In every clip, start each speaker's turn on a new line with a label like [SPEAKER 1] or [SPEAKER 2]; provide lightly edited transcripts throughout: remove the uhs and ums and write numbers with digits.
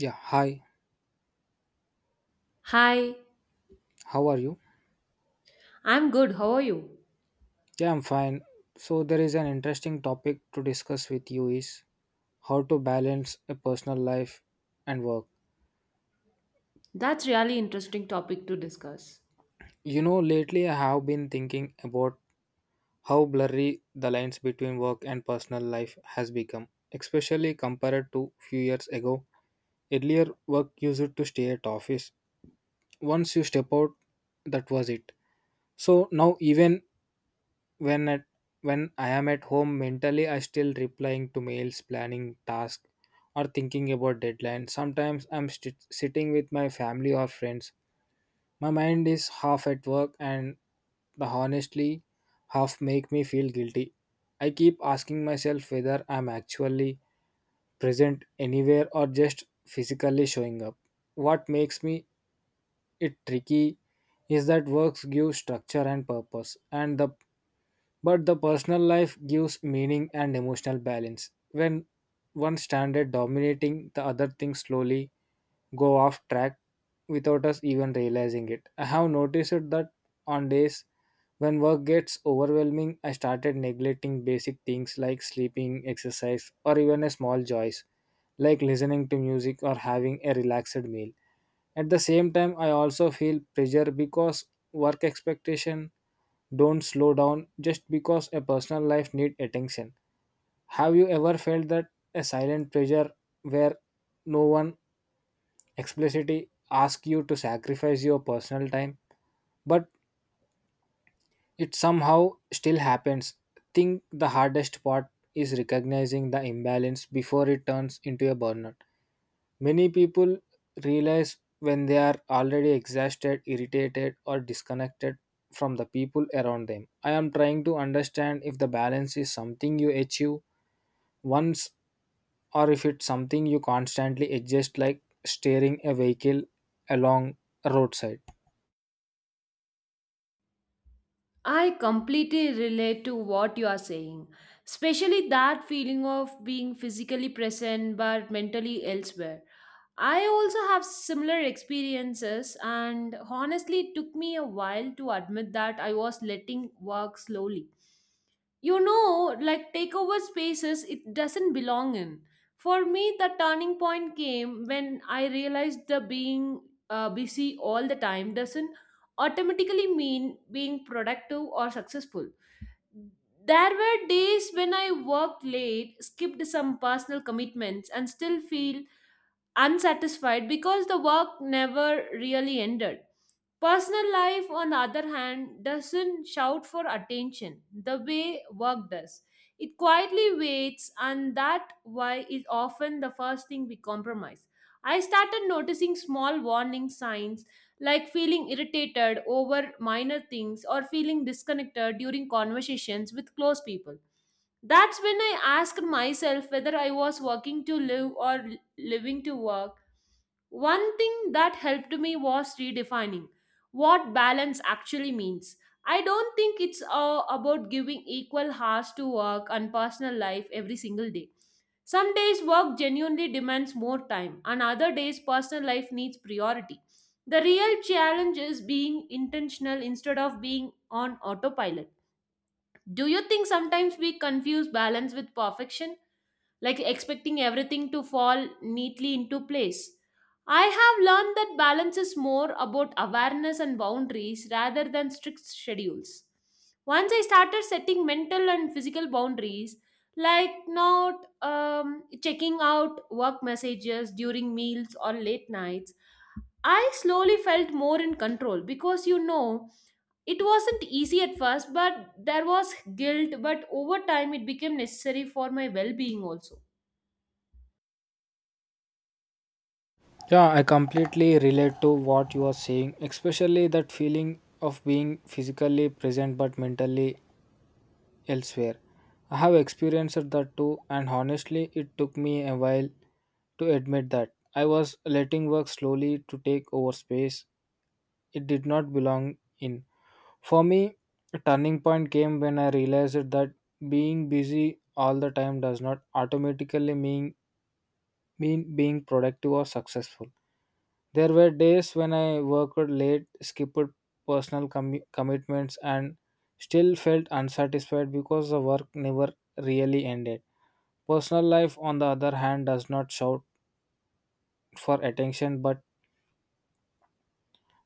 [SPEAKER 1] Yeah, hi.
[SPEAKER 2] Hi,
[SPEAKER 1] How are you?
[SPEAKER 2] I'm good. How are you?
[SPEAKER 1] Yeah, I'm fine. So there is an interesting topic to discuss with you is how to balance a personal life and work.
[SPEAKER 2] That's really interesting topic to discuss.
[SPEAKER 1] You know, lately I have been thinking about how blurry the lines between work and personal life has become, especially compared to few years ago. Earlier work used to stay at office. Once you step out, that was it. So now even when at when I am at home, mentally I still replying to mails, planning tasks or thinking about deadlines. Sometimes sitting with my family or friends, my mind is half at work and the honestly half make me feel guilty. I keep asking myself whether I'm actually present anywhere or just physically showing up. What makes me it tricky is that works give structure and purpose and the but the personal life gives meaning and emotional balance. When one standard dominating the other, things slowly go off track without us even realizing it. I have noticed that on days when work gets overwhelming, I started neglecting basic things like sleeping, exercise, or even a small joys like listening to music or having a relaxed meal. At the same time, I also feel pressure because work expectation don't slow down just because a personal life need attention. Have you ever felt that a silent pressure where no one explicitly asks you to sacrifice your personal time, but it somehow still happens? Think the hardest part is recognizing the imbalance before it turns into a burnout. Many people realize when they are already exhausted, irritated, or disconnected from the people around them. I am trying to understand if the balance is something you achieve once or if it's something you constantly adjust, like steering a vehicle along a roadside.
[SPEAKER 2] I completely relate to what you are saying, especially that feeling of being physically present but mentally elsewhere. I also have similar experiences and honestly it took me a while to admit that I was letting work slowly, you know, like take over spaces it doesn't belong in. For me the turning point came when I realized the being busy all the time doesn't automatically mean being productive or successful. There were days when I worked late, skipped some personal commitments and still feel unsatisfied because the work never really ended. Personal life, on the other hand, doesn't shout for attention the way work does. It quietly waits, and that why is often the first thing we compromise. I started noticing small warning signs like feeling irritated over minor things or feeling disconnected during conversations with close people. That's when I asked myself whether I was working to live or living to work. One thing that helped me was redefining what balance actually means. I don't think it's about giving equal hours to work and personal life every single day. Some days work genuinely demands more time, and other days personal life needs priority. The real challenge is being intentional instead of being on autopilot. Do you think sometimes we confuse balance with perfection, like expecting everything to fall neatly into place? I have learned that balance is more about awareness and boundaries rather than strict schedules. Once I started setting mental and physical boundaries, like not checking out work messages during meals or late nights, I slowly felt more in control because, you know, it wasn't easy at first, but there was guilt. But over time, it became necessary for my well being also.
[SPEAKER 1] Yeah, I completely relate to what you are saying, especially that feeling of being physically present but mentally elsewhere. I have experienced that too, and honestly, it took me a while to admit that. I was letting work slowly to take over space it did not belong in. For me, a turning point came when I realized that being busy all the time does not automatically mean being productive or successful. There were days when I worked late, skipped personal commu commitments, and still felt unsatisfied because the work never really ended. Personal life, on the other hand, does not shout for attention but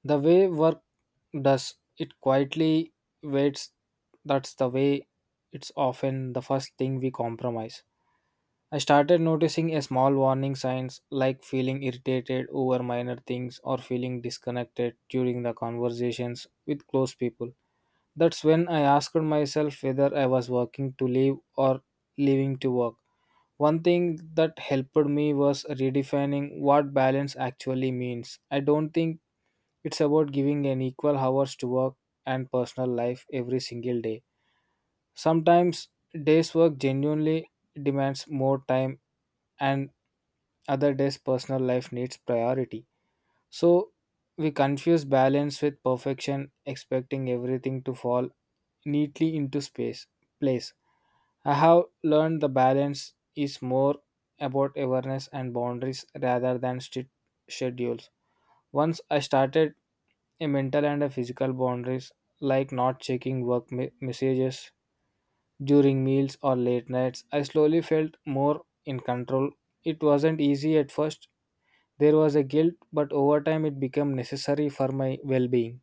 [SPEAKER 1] the way work does it quietly waits. That's the way it's often the first thing we compromise. I started noticing a small warning signs like feeling irritated over minor things or feeling disconnected during the conversations with close people. That's when I asked myself whether I was working to live or living to work. One thing that helped me was redefining what balance actually means. I don't think it's about giving an equal hours to work and personal life every single day. Sometimes days work genuinely demands more time and other days personal life needs priority. So we confuse balance with perfection, expecting everything to fall neatly into space place. I have learned the balance is more about awareness and boundaries rather than strict schedules. Once I started a mental and a physical boundaries, like not checking messages during meals or late nights. I slowly felt more in control. It wasn't easy at first. There was a guilt, but over time it became necessary for my well-being.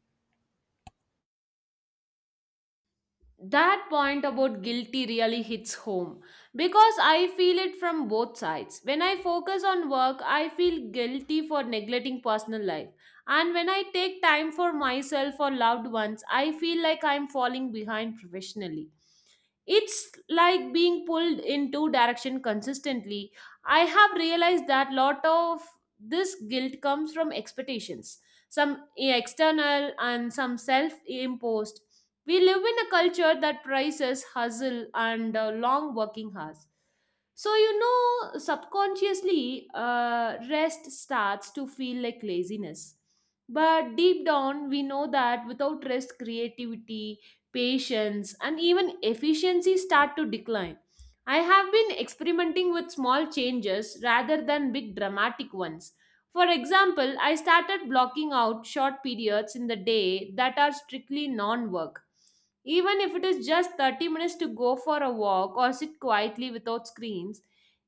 [SPEAKER 2] That point about guilty really hits home because I feel it from both sides. When I focus on work, I feel guilty for neglecting personal life. And when I take time for myself or loved ones, I feel like I'm falling behind professionally. It's like being pulled in two direction consistently. I have realized that lot of this guilt comes from expectations, some external and some self-imposed. We live in a culture that prizes hustle and long working hours. So, you know, subconsciously, rest starts to feel like laziness. But deep down, we know that without rest, creativity, patience, and even efficiency start to decline. I have been experimenting with small changes rather than big dramatic ones. For example, I started blocking out short periods in the day that are strictly non work. Even if it is just 30 minutes to go for a walk or sit quietly without screens,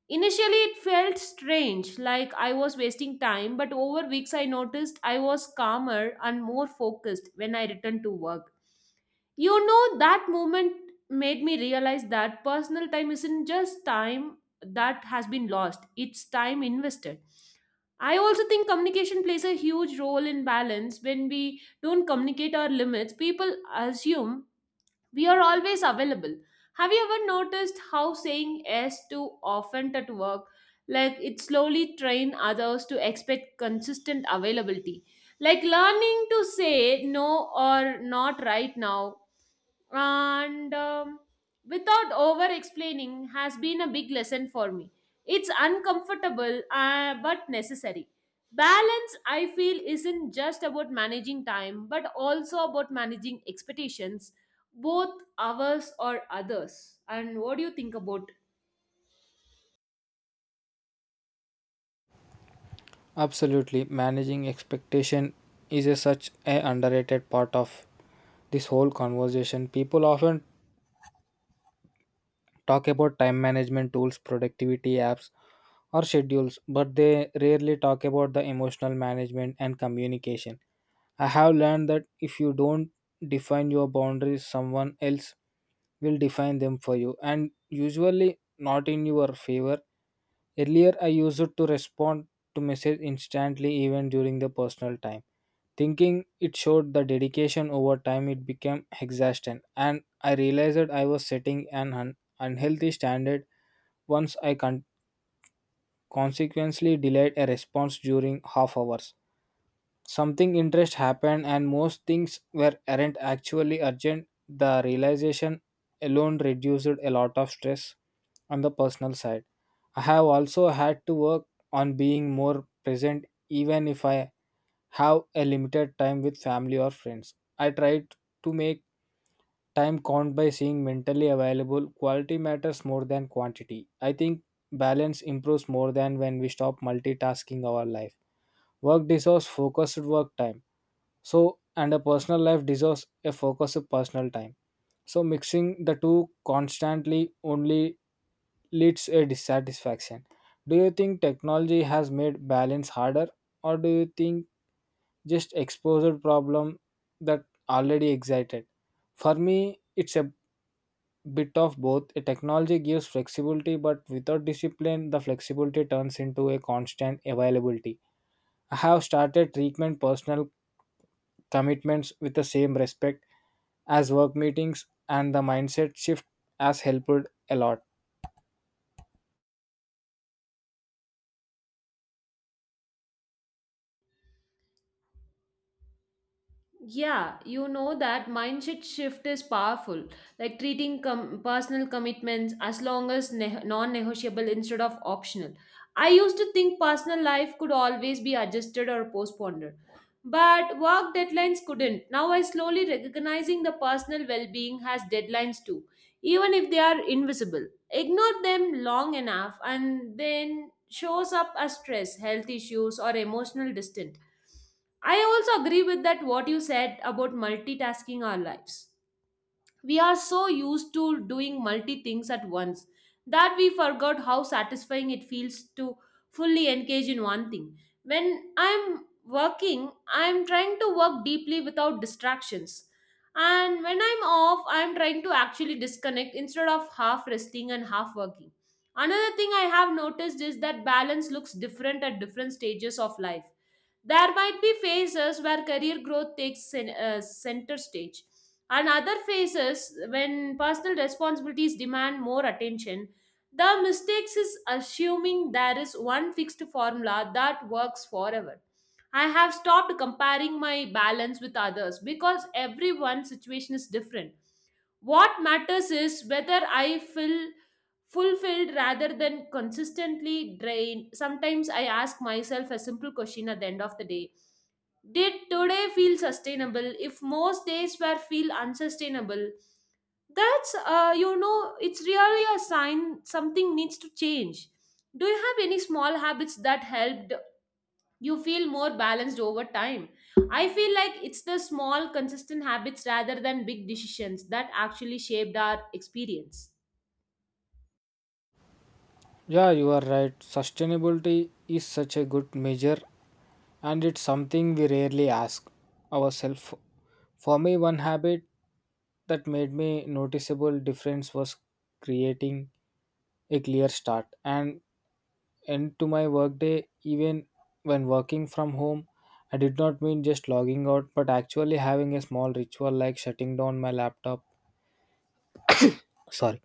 [SPEAKER 2] initially it felt strange, like I was wasting time, but over weeks I noticed I was calmer and more focused when I returned to work. You know, that moment made me realize that personal time isn't just time that has been lost, it's time invested. I also think communication plays a huge role in balance. When we don't communicate our limits, people assume we are always available. Have you ever noticed how saying yes too often at work, like it slowly train others to expect consistent availability? Like learning to say no or not right now and without over explaining has been a big lesson for me. It's uncomfortable, but necessary. Balance, I feel, isn't just about managing time but also about managing expectations, both ours or others. And what do you think about?
[SPEAKER 1] Absolutely, managing expectation is a such a underrated part of this whole conversation. People often talk about time management tools, productivity apps, or schedules, but they rarely talk about the emotional management and communication. I have learned that if you don't define your boundaries, someone else will define them for you, and usually not in your favor. Earlier, I used to respond to message instantly, even during the personal time, thinking it showed the dedication. Over time, it became exhaustion, and I realized that I was setting unhealthy standard. once I con- consequently delayed a response during half hours. Something interest happened and most things were aren't actually urgent. The realization alone reduced a lot of stress on the personal side. I have also had to work on being more present even if I have a limited time with family or friends. I try to make time count by seeing mentally available quality matters more than quantity. I think balance improves more than when we stop multitasking our life. Work deserves focused work time. So and a personal life deserves a focused personal time. So mixing the two constantly only leads a dissatisfaction. Do you think technology has made balance harder or do you think just exposure problem that already excited? For me, it's a bit of both. A technology gives flexibility but without discipline the flexibility turns into a constant availability. I have started treatment personal commitments with the same respect as work meetings and the mindset shift has helped a lot.
[SPEAKER 2] Yeah, you know that mindset shift is powerful. Like treating personal commitments as long as non negotiable instead of optional. I used to think personal life could always be adjusted or postponed, but work deadlines couldn't. Now I slowly recognizing the personal well being has deadlines too, even if they are invisible. Ignore them long enough and then shows up as stress, health issues, or emotional distance. I also agree with that what you said about multitasking our lives. We are so used to doing multi things at once that we forgot how satisfying it feels to fully engage in one thing. When I'm working, I'm trying to work deeply without distractions. And when I'm off, I'm trying to actually disconnect instead of half resting and half working. Another thing I have noticed is that balance looks different at different stages of life. There might be phases where career growth takes center stage, and other phases when personal responsibilities demand more attention. The mistakes is assuming there is one fixed formula that works forever. I have stopped comparing my balance with others because everyone's situation is different. What matters is whether I feel fulfilled rather than consistently drained. Sometimes I ask myself a simple question at the end of the day: did today feel sustainable if most days were feel unsustainable? That's, you know, it's really a sign something needs to change. Do you have any small habits that helped you feel more balanced over time? I feel like it's the small consistent habits rather than big decisions that actually shaped our experience.
[SPEAKER 1] Yeah, you are right, sustainability is such a good measure and it's something we rarely ask ourselves. For me, one habit that made me noticeable difference was creating a clear start and end to my workday even when working from home. I did not mean just logging out but actually having a small ritual like shutting down my laptop, sorry,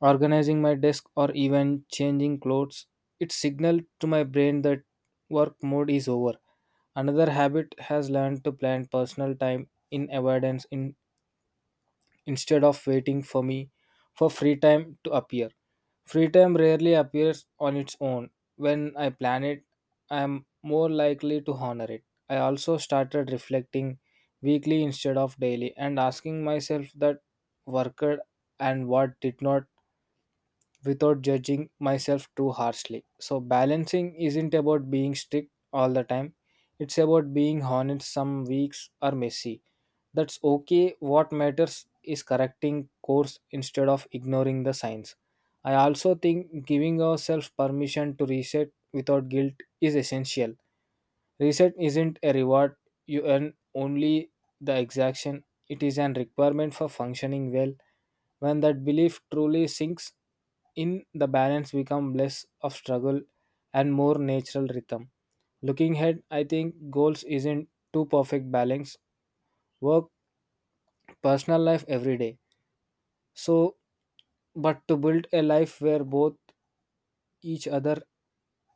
[SPEAKER 1] organizing my desk or even changing clothes. It signaled to my brain that work mode is over. Another habit has learned to plan personal time in avoidance in instead of waiting for free time to appear. Free time rarely appears on its own. When I plan it, I am more likely to honor it. I also started reflecting weekly instead of daily and asking myself that worked and what did not, without judging myself too harshly. So, balancing isn't about being strict all the time, it's about being honest. Some weeks are messy. That's okay. What matters is correcting course instead of ignoring the signs. I also think giving ourselves permission to reset without guilt is essential. Reset isn't a reward you earn only the exaction, it is an requirement for functioning well. When that belief truly sinks in, the balance becomes less of struggle and more natural rhythm. Looking ahead, I think goals isn't too perfect balance, work, personal life every day. So, but to build a life where both each other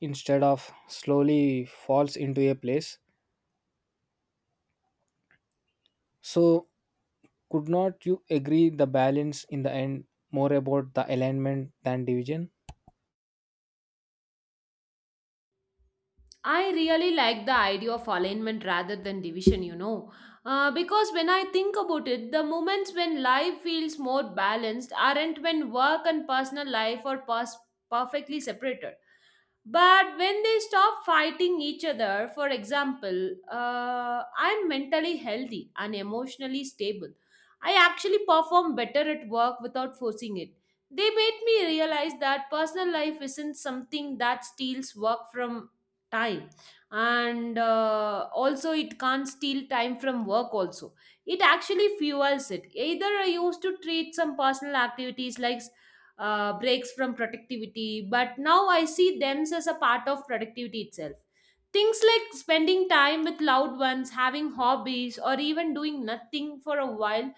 [SPEAKER 1] instead of slowly falls into a place. So could not you agree the balance in the end more about the alignment than division?
[SPEAKER 2] I really like the idea of alignment rather than division, you know. Because when I think about it, the moments when life feels more balanced aren't when work and personal life are perfectly separated. But when they stop fighting each other, for example, I'm mentally healthy and emotionally stable. I actually perform better at work without forcing it. They made me realize that personal life isn't something that steals work from time, and also it can't steal time from work also. It actually fuels it either. I used to treat some personal activities like breaks from productivity, but now I see them as a part of productivity itself. Things like spending time with loved ones, having hobbies, or even doing nothing for a while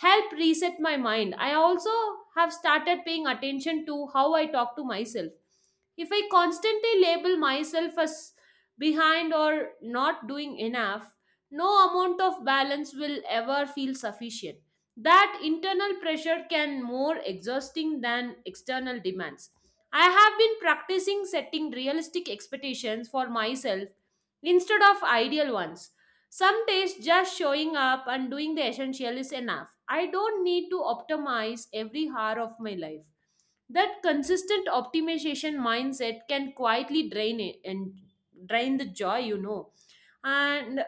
[SPEAKER 2] help reset my mind. I also have started paying attention to how I talk to myself. If I constantly label myself as behind or not doing enough, no amount of balance will ever feel sufficient. That internal pressure can more exhausting than external demands. I have been practicing setting realistic expectations for myself instead of ideal ones. Some days just showing up and doing the essential is enough. I don't need to optimize every hour of my life. That consistent optimization mindset can quietly drain it and drain the joy, you know. And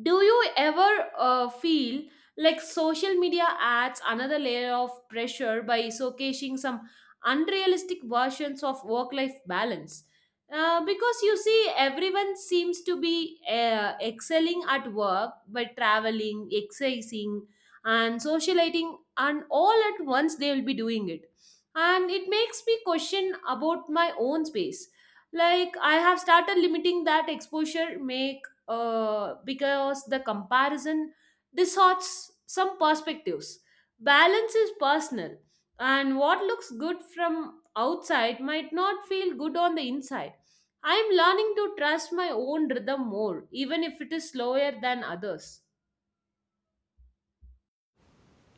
[SPEAKER 2] do you ever feel like social media adds another layer of pressure by showcasing some unrealistic versions of work life balance? Because you see, everyone seems to be excelling at work by traveling, exercising, and socializing, and all at once they will be doing it. And it makes me question about my own space. Like, I have started limiting that exposure, make because the comparison distorts some perspectives. Balance is personal, and what looks good from outside might not feel good on the inside. I am learning to trust my own rhythm more, even if it is slower than others.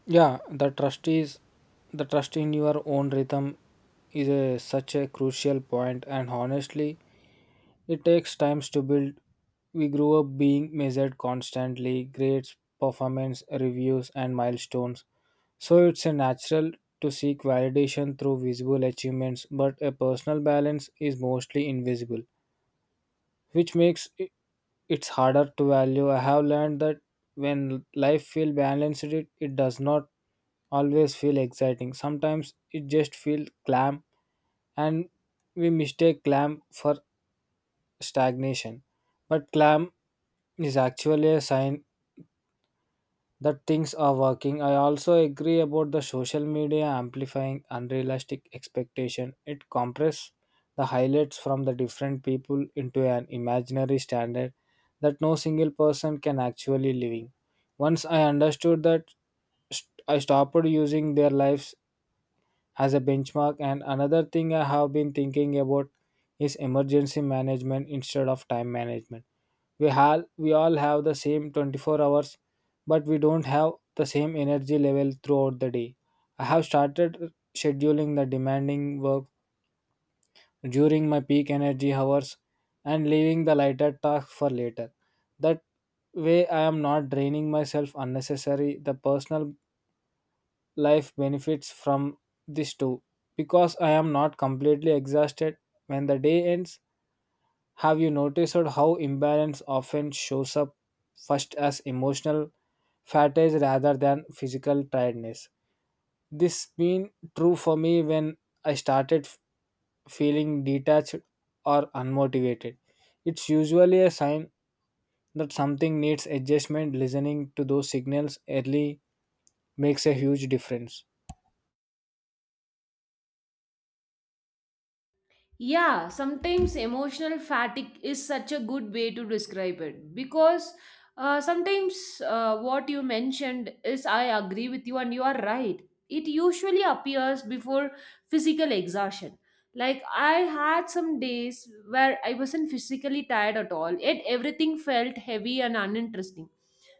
[SPEAKER 1] Yeah, the trust in your own rhythm is a, such a crucial point and honestly it takes times to build. We grew up being measured constantly, grades, performance, reviews and milestones. So it's a natural to seek validation through visible achievements, but a personal balance is mostly invisible, which makes it it's harder to value. I have learned that when life feels balanced, it does not always feel exciting. Sometimes it just feels clam, and we mistake clam for stagnation. But clam is actually a sign that things are working. I also agree about the social media amplifying unrealistic expectation. It compresses the highlights from the different people into an imaginary standard that no single person can actually living. Once I understood that, I stopped using their lives as a benchmark. And another thing I have been thinking about is emergency management instead of time management. We all have the same 24 hours but we don't have the same energy level throughout the day. I have started scheduling the demanding work during my peak energy hours and leaving the lighter tasks for later. That way I am not draining myself unnecessary. The personal life benefits from this too because I am not completely exhausted when the day ends. Have you noticed how imbalance often shows up first as emotional fatigue rather than physical tiredness? This been true for me. When I started f- feeling detached or unmotivated, it's usually a sign that something needs adjustment. Listening to those signals early makes a huge difference.
[SPEAKER 2] Yeah, sometimes emotional fatigue is such a good way to describe it because, sometimes what you mentioned is I agree with you and you are right. It usually appears before physical exhaustion. Like I had some days where I wasn't physically tired at all, yet everything felt heavy and uninteresting.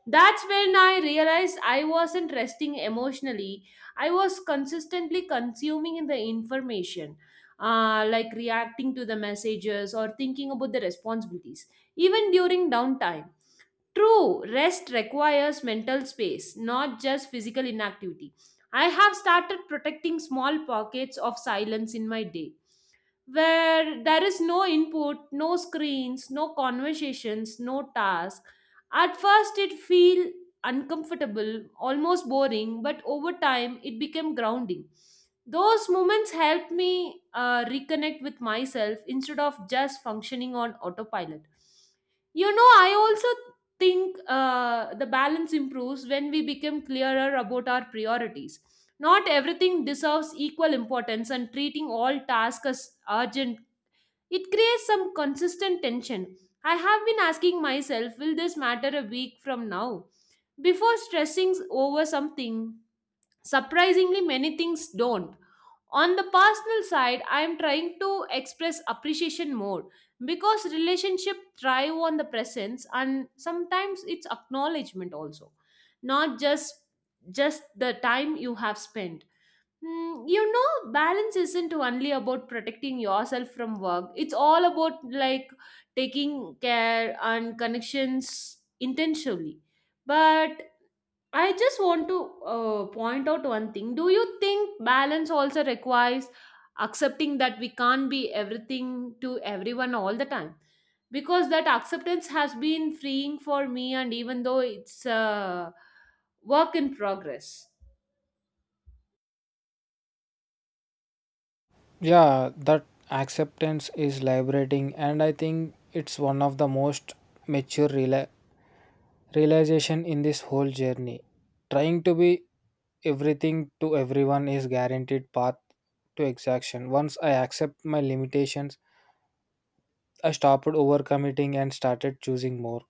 [SPEAKER 2] That's when I realized I wasn't resting emotionally, I was consistently consuming the information, like reacting to the messages or thinking about the responsibilities, even during downtime. True, rest requires mental space, not just physical inactivity. I have started protecting small pockets of silence in my day where there is no input, no screens, no conversations, no task. At first, it feel uncomfortable, almost boring, but over time, it became grounding. Those moments helped me reconnect with myself instead of just functioning on autopilot. You know, I also think the balance improves when we become clearer about our priorities. Not everything deserves equal importance, and treating all tasks as urgent, it creates some consistent tension. I have been asking myself, will this matter a week from now? Before stressing over something, surprisingly, many things don't. On the personal side, I am trying to express appreciation more because relationship thrive on the presence and sometimes it's acknowledgement also, not just the time you have spent. Mm, you know, balance isn't only about protecting yourself from work. It's all about like taking care and connections intentionally. But I just want to point out one thing. Do you think balance also requires accepting that we can't be everything to everyone all the time? Because that acceptance has been freeing for me, and even though it's a work in progress.
[SPEAKER 1] Yeah, that acceptance is liberating, and I think it's one of the most mature rela- realization in this whole journey. Trying to be everything to everyone is guaranteed path to exhaustion. Once I accept my limitations, I stopped overcommitting and started choosing more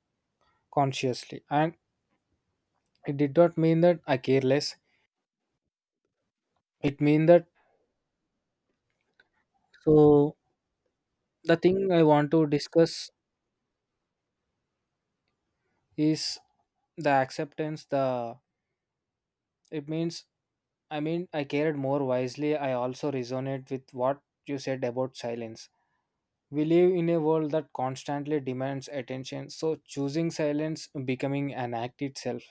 [SPEAKER 1] consciously. And it did not mean that I care less. It mean that so the thing I want to discuss is the acceptance. The it means I cared more wisely. I also resonate with what you said about silence. We live in a world that constantly demands attention, so choosing silence becoming an act itself.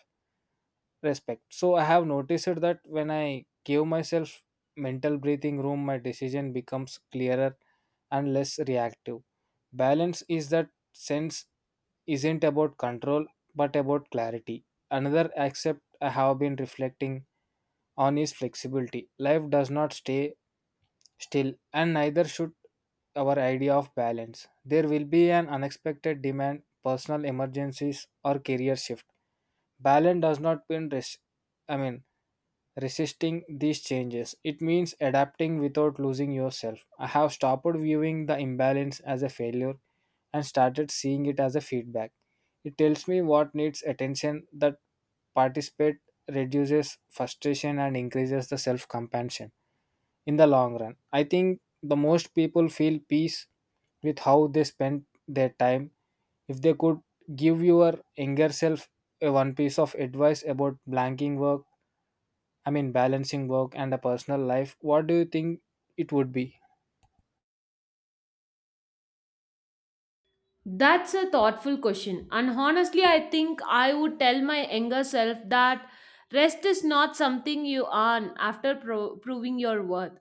[SPEAKER 1] Respect. So I have noticed that when I give myself mental breathing room, my decision becomes clearer and less reactive. Balance is that sense isn't about control but about clarity. Another accept I have been reflecting on is flexibility. Life does not stay still, and neither should our idea of balance. There will be an unexpected demand, personal emergencies, or career shift. Balance does not mean I mean resisting these changes. It means adapting without losing yourself. I have stopped viewing the imbalance as a failure and started seeing it as a feedback. It tells me what needs attention. That participate reduces frustration and increases the self compassion in the long run. I think the most people feel peace with how they spend their time. If they could give your younger self a one piece of advice about I mean balancing work and a personal life, what do you think it would be?
[SPEAKER 2] That's a thoughtful question. And honestly, I think I would tell my younger self that rest is not something you earn after proving your worth.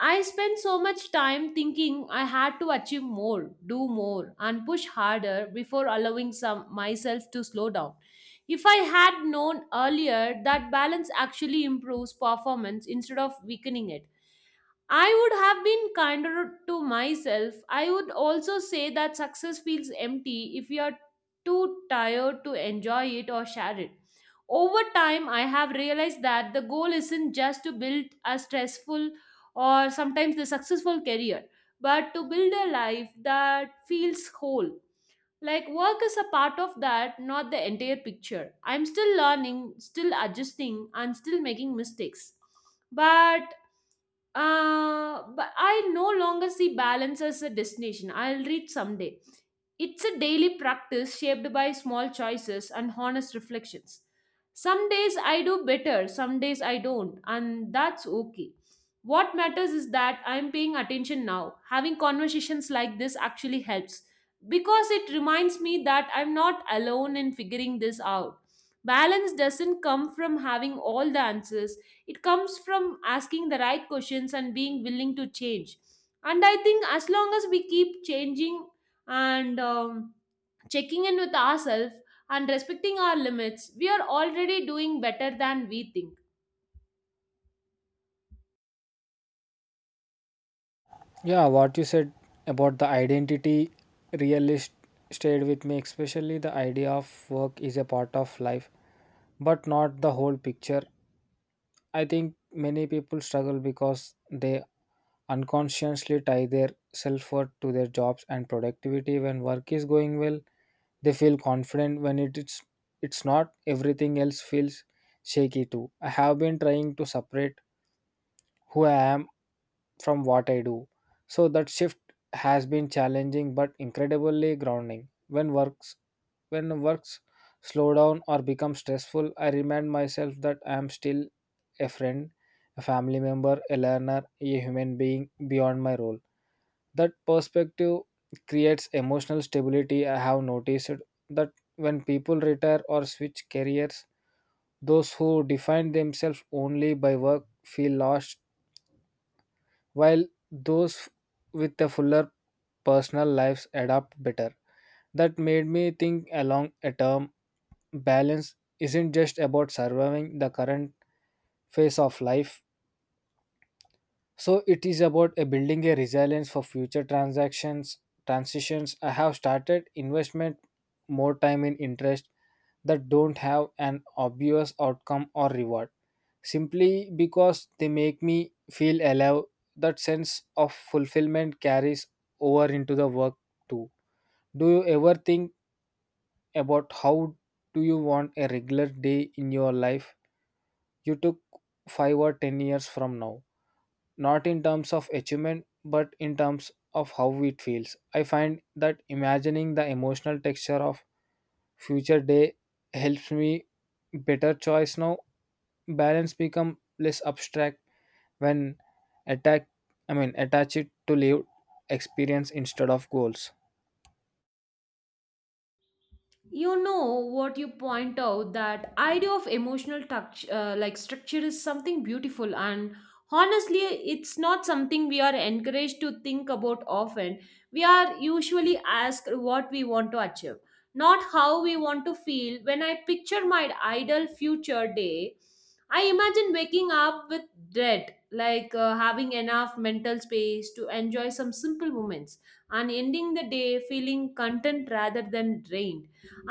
[SPEAKER 2] I spent so much time thinking I had to achieve more, do more, and push harder before allowing some myself to slow down. If I had known earlier that balance actually improves performance instead of weakening it, I would have been kinder to myself. I would also say that success feels empty if you are too tired to enjoy it or share it. Over time, I have realized that the goal isn't just to build a stressful or sometimes the successful career, but to build a life that feels whole. Like work is a part of that, not the entire picture. I'm still learning, still adjusting, and still making mistakes. But but I no longer see balance as a destination. I'll reach someday. It's a daily practice shaped by small choices and honest reflections. Some days I do better, some days I don't, and that's okay. What matters is that I'm paying attention now. Having conversations like this actually helps because it reminds me that I'm not alone in figuring this out. Balance doesn't come from having all the answers, it comes from asking the right questions and being willing to change. And I think as long as we keep changing and checking in with ourselves and respecting our limits, we are already doing better than we think.
[SPEAKER 1] Yeah, what you said about the identity realist stayed with me, especially the idea of work is a part of life, but not the whole picture. I think many people struggle because they unconsciously tie their self worth to their jobs and productivity. When work is going well, they feel confident. When it's not, everything else feels shaky too. I have been trying to separate who I am from what I do. So that shift has been challenging but incredibly grounding. When works slow down or become stressful, I remind myself that I am still a friend, a family member, a learner, a human being beyond my role. That perspective creates emotional stability. I have noticed that when people retire or switch careers, those who define themselves only by work feel lost, while those with a fuller personal lives adapt better. That made me think along a term balance isn't just about surviving the current phase of life. So it is about a building a resilience for future transactions transitions. I have started investment more time in interest that don't have an obvious outcome or reward simply because they make me feel alive. That sense of fulfillment carries over into the work too. Do you ever think about how do you want a regular day in your life you took 5 or 10 years from now, not in terms of achievement but in terms of how it feels? I find that imagining the emotional texture of future day helps me better choice now. Balance become less abstract when attack I mean attach it to lived experience instead of goals.
[SPEAKER 2] You know what you point out, that idea of emotional touch, like structure is something beautiful, and honestly it's not something we are encouraged to think about often. We are usually asked what we want to achieve, not how we want to feel. When I picture my ideal future day, I imagine waking up with dread, like having enough mental space to enjoy some simple moments and ending the day feeling content rather than drained.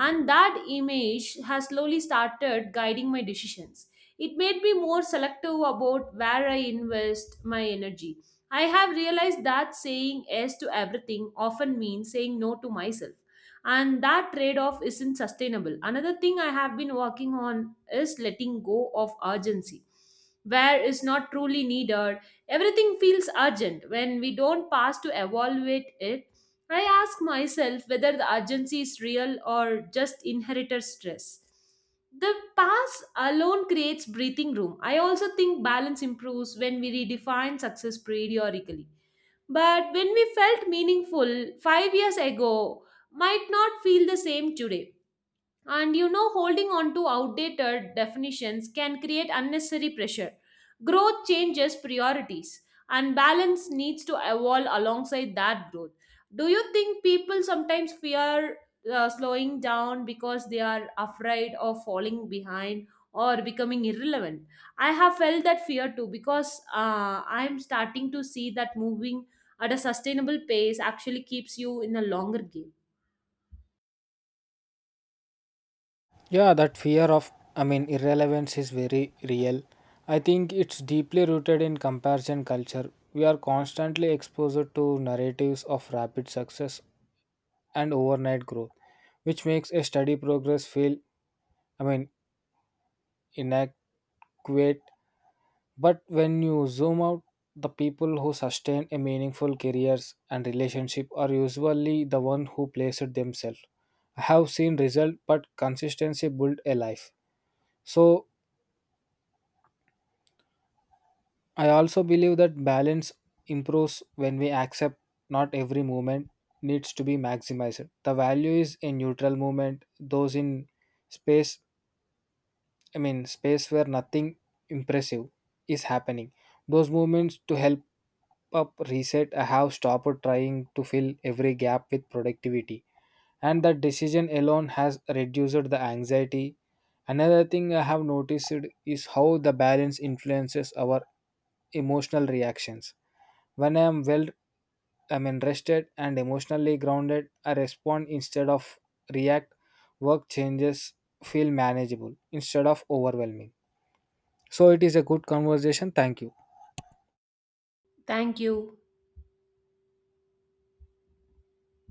[SPEAKER 2] And that image has slowly started guiding my decisions. It made me more selective about where I invest my energy. I have realized that saying yes to everything often means saying no to myself, and that trade off isn't sustainable. Another thing I have been working on is letting go of urgency where is not truly needed. Everything feels urgent when we don't pass to evaluate it. I ask myself whether the urgency is real or just inherited stress. The past alone creates breathing room. I also think balance improves when we redefine success periodically. But when we felt meaningful 5 years ago, might not feel the same today. And, you know, holding on to outdated definitions can create unnecessary pressure. Growth changes priorities, and balance needs to evolve alongside that growth. Do you think people sometimes fear slowing down because they are afraid of falling behind or becoming irrelevant? I have felt that fear too because, I'm starting to see that moving at a sustainable pace actually keeps you in a longer game.
[SPEAKER 1] Yeah, that fear of, I mean, irrelevance is very real. I think it's deeply rooted in comparison culture. We are constantly exposed to narratives of rapid success and overnight growth, which makes a steady progress feel, I mean, inadequate. But when you zoom out, the people who sustain a meaningful careers and relationship are usually the one who place it themselves. I have seen result, but consistency build a life. So I also believe that balance improves when we accept not every movement needs to be maximized. The value is in neutral movement, those in space, I mean, space where nothing impressive is happening. Those movements to help up reset. I have stopped trying to fill every gap with productivity. And that decision alone has reduced the anxiety. Another thing I have noticed is how the balance influences our emotional reactions. When I am well, I mean, rested and emotionally grounded, I respond instead of react. Work changes feel manageable instead of overwhelming. So it is a good conversation. Thank you.
[SPEAKER 2] Thank you.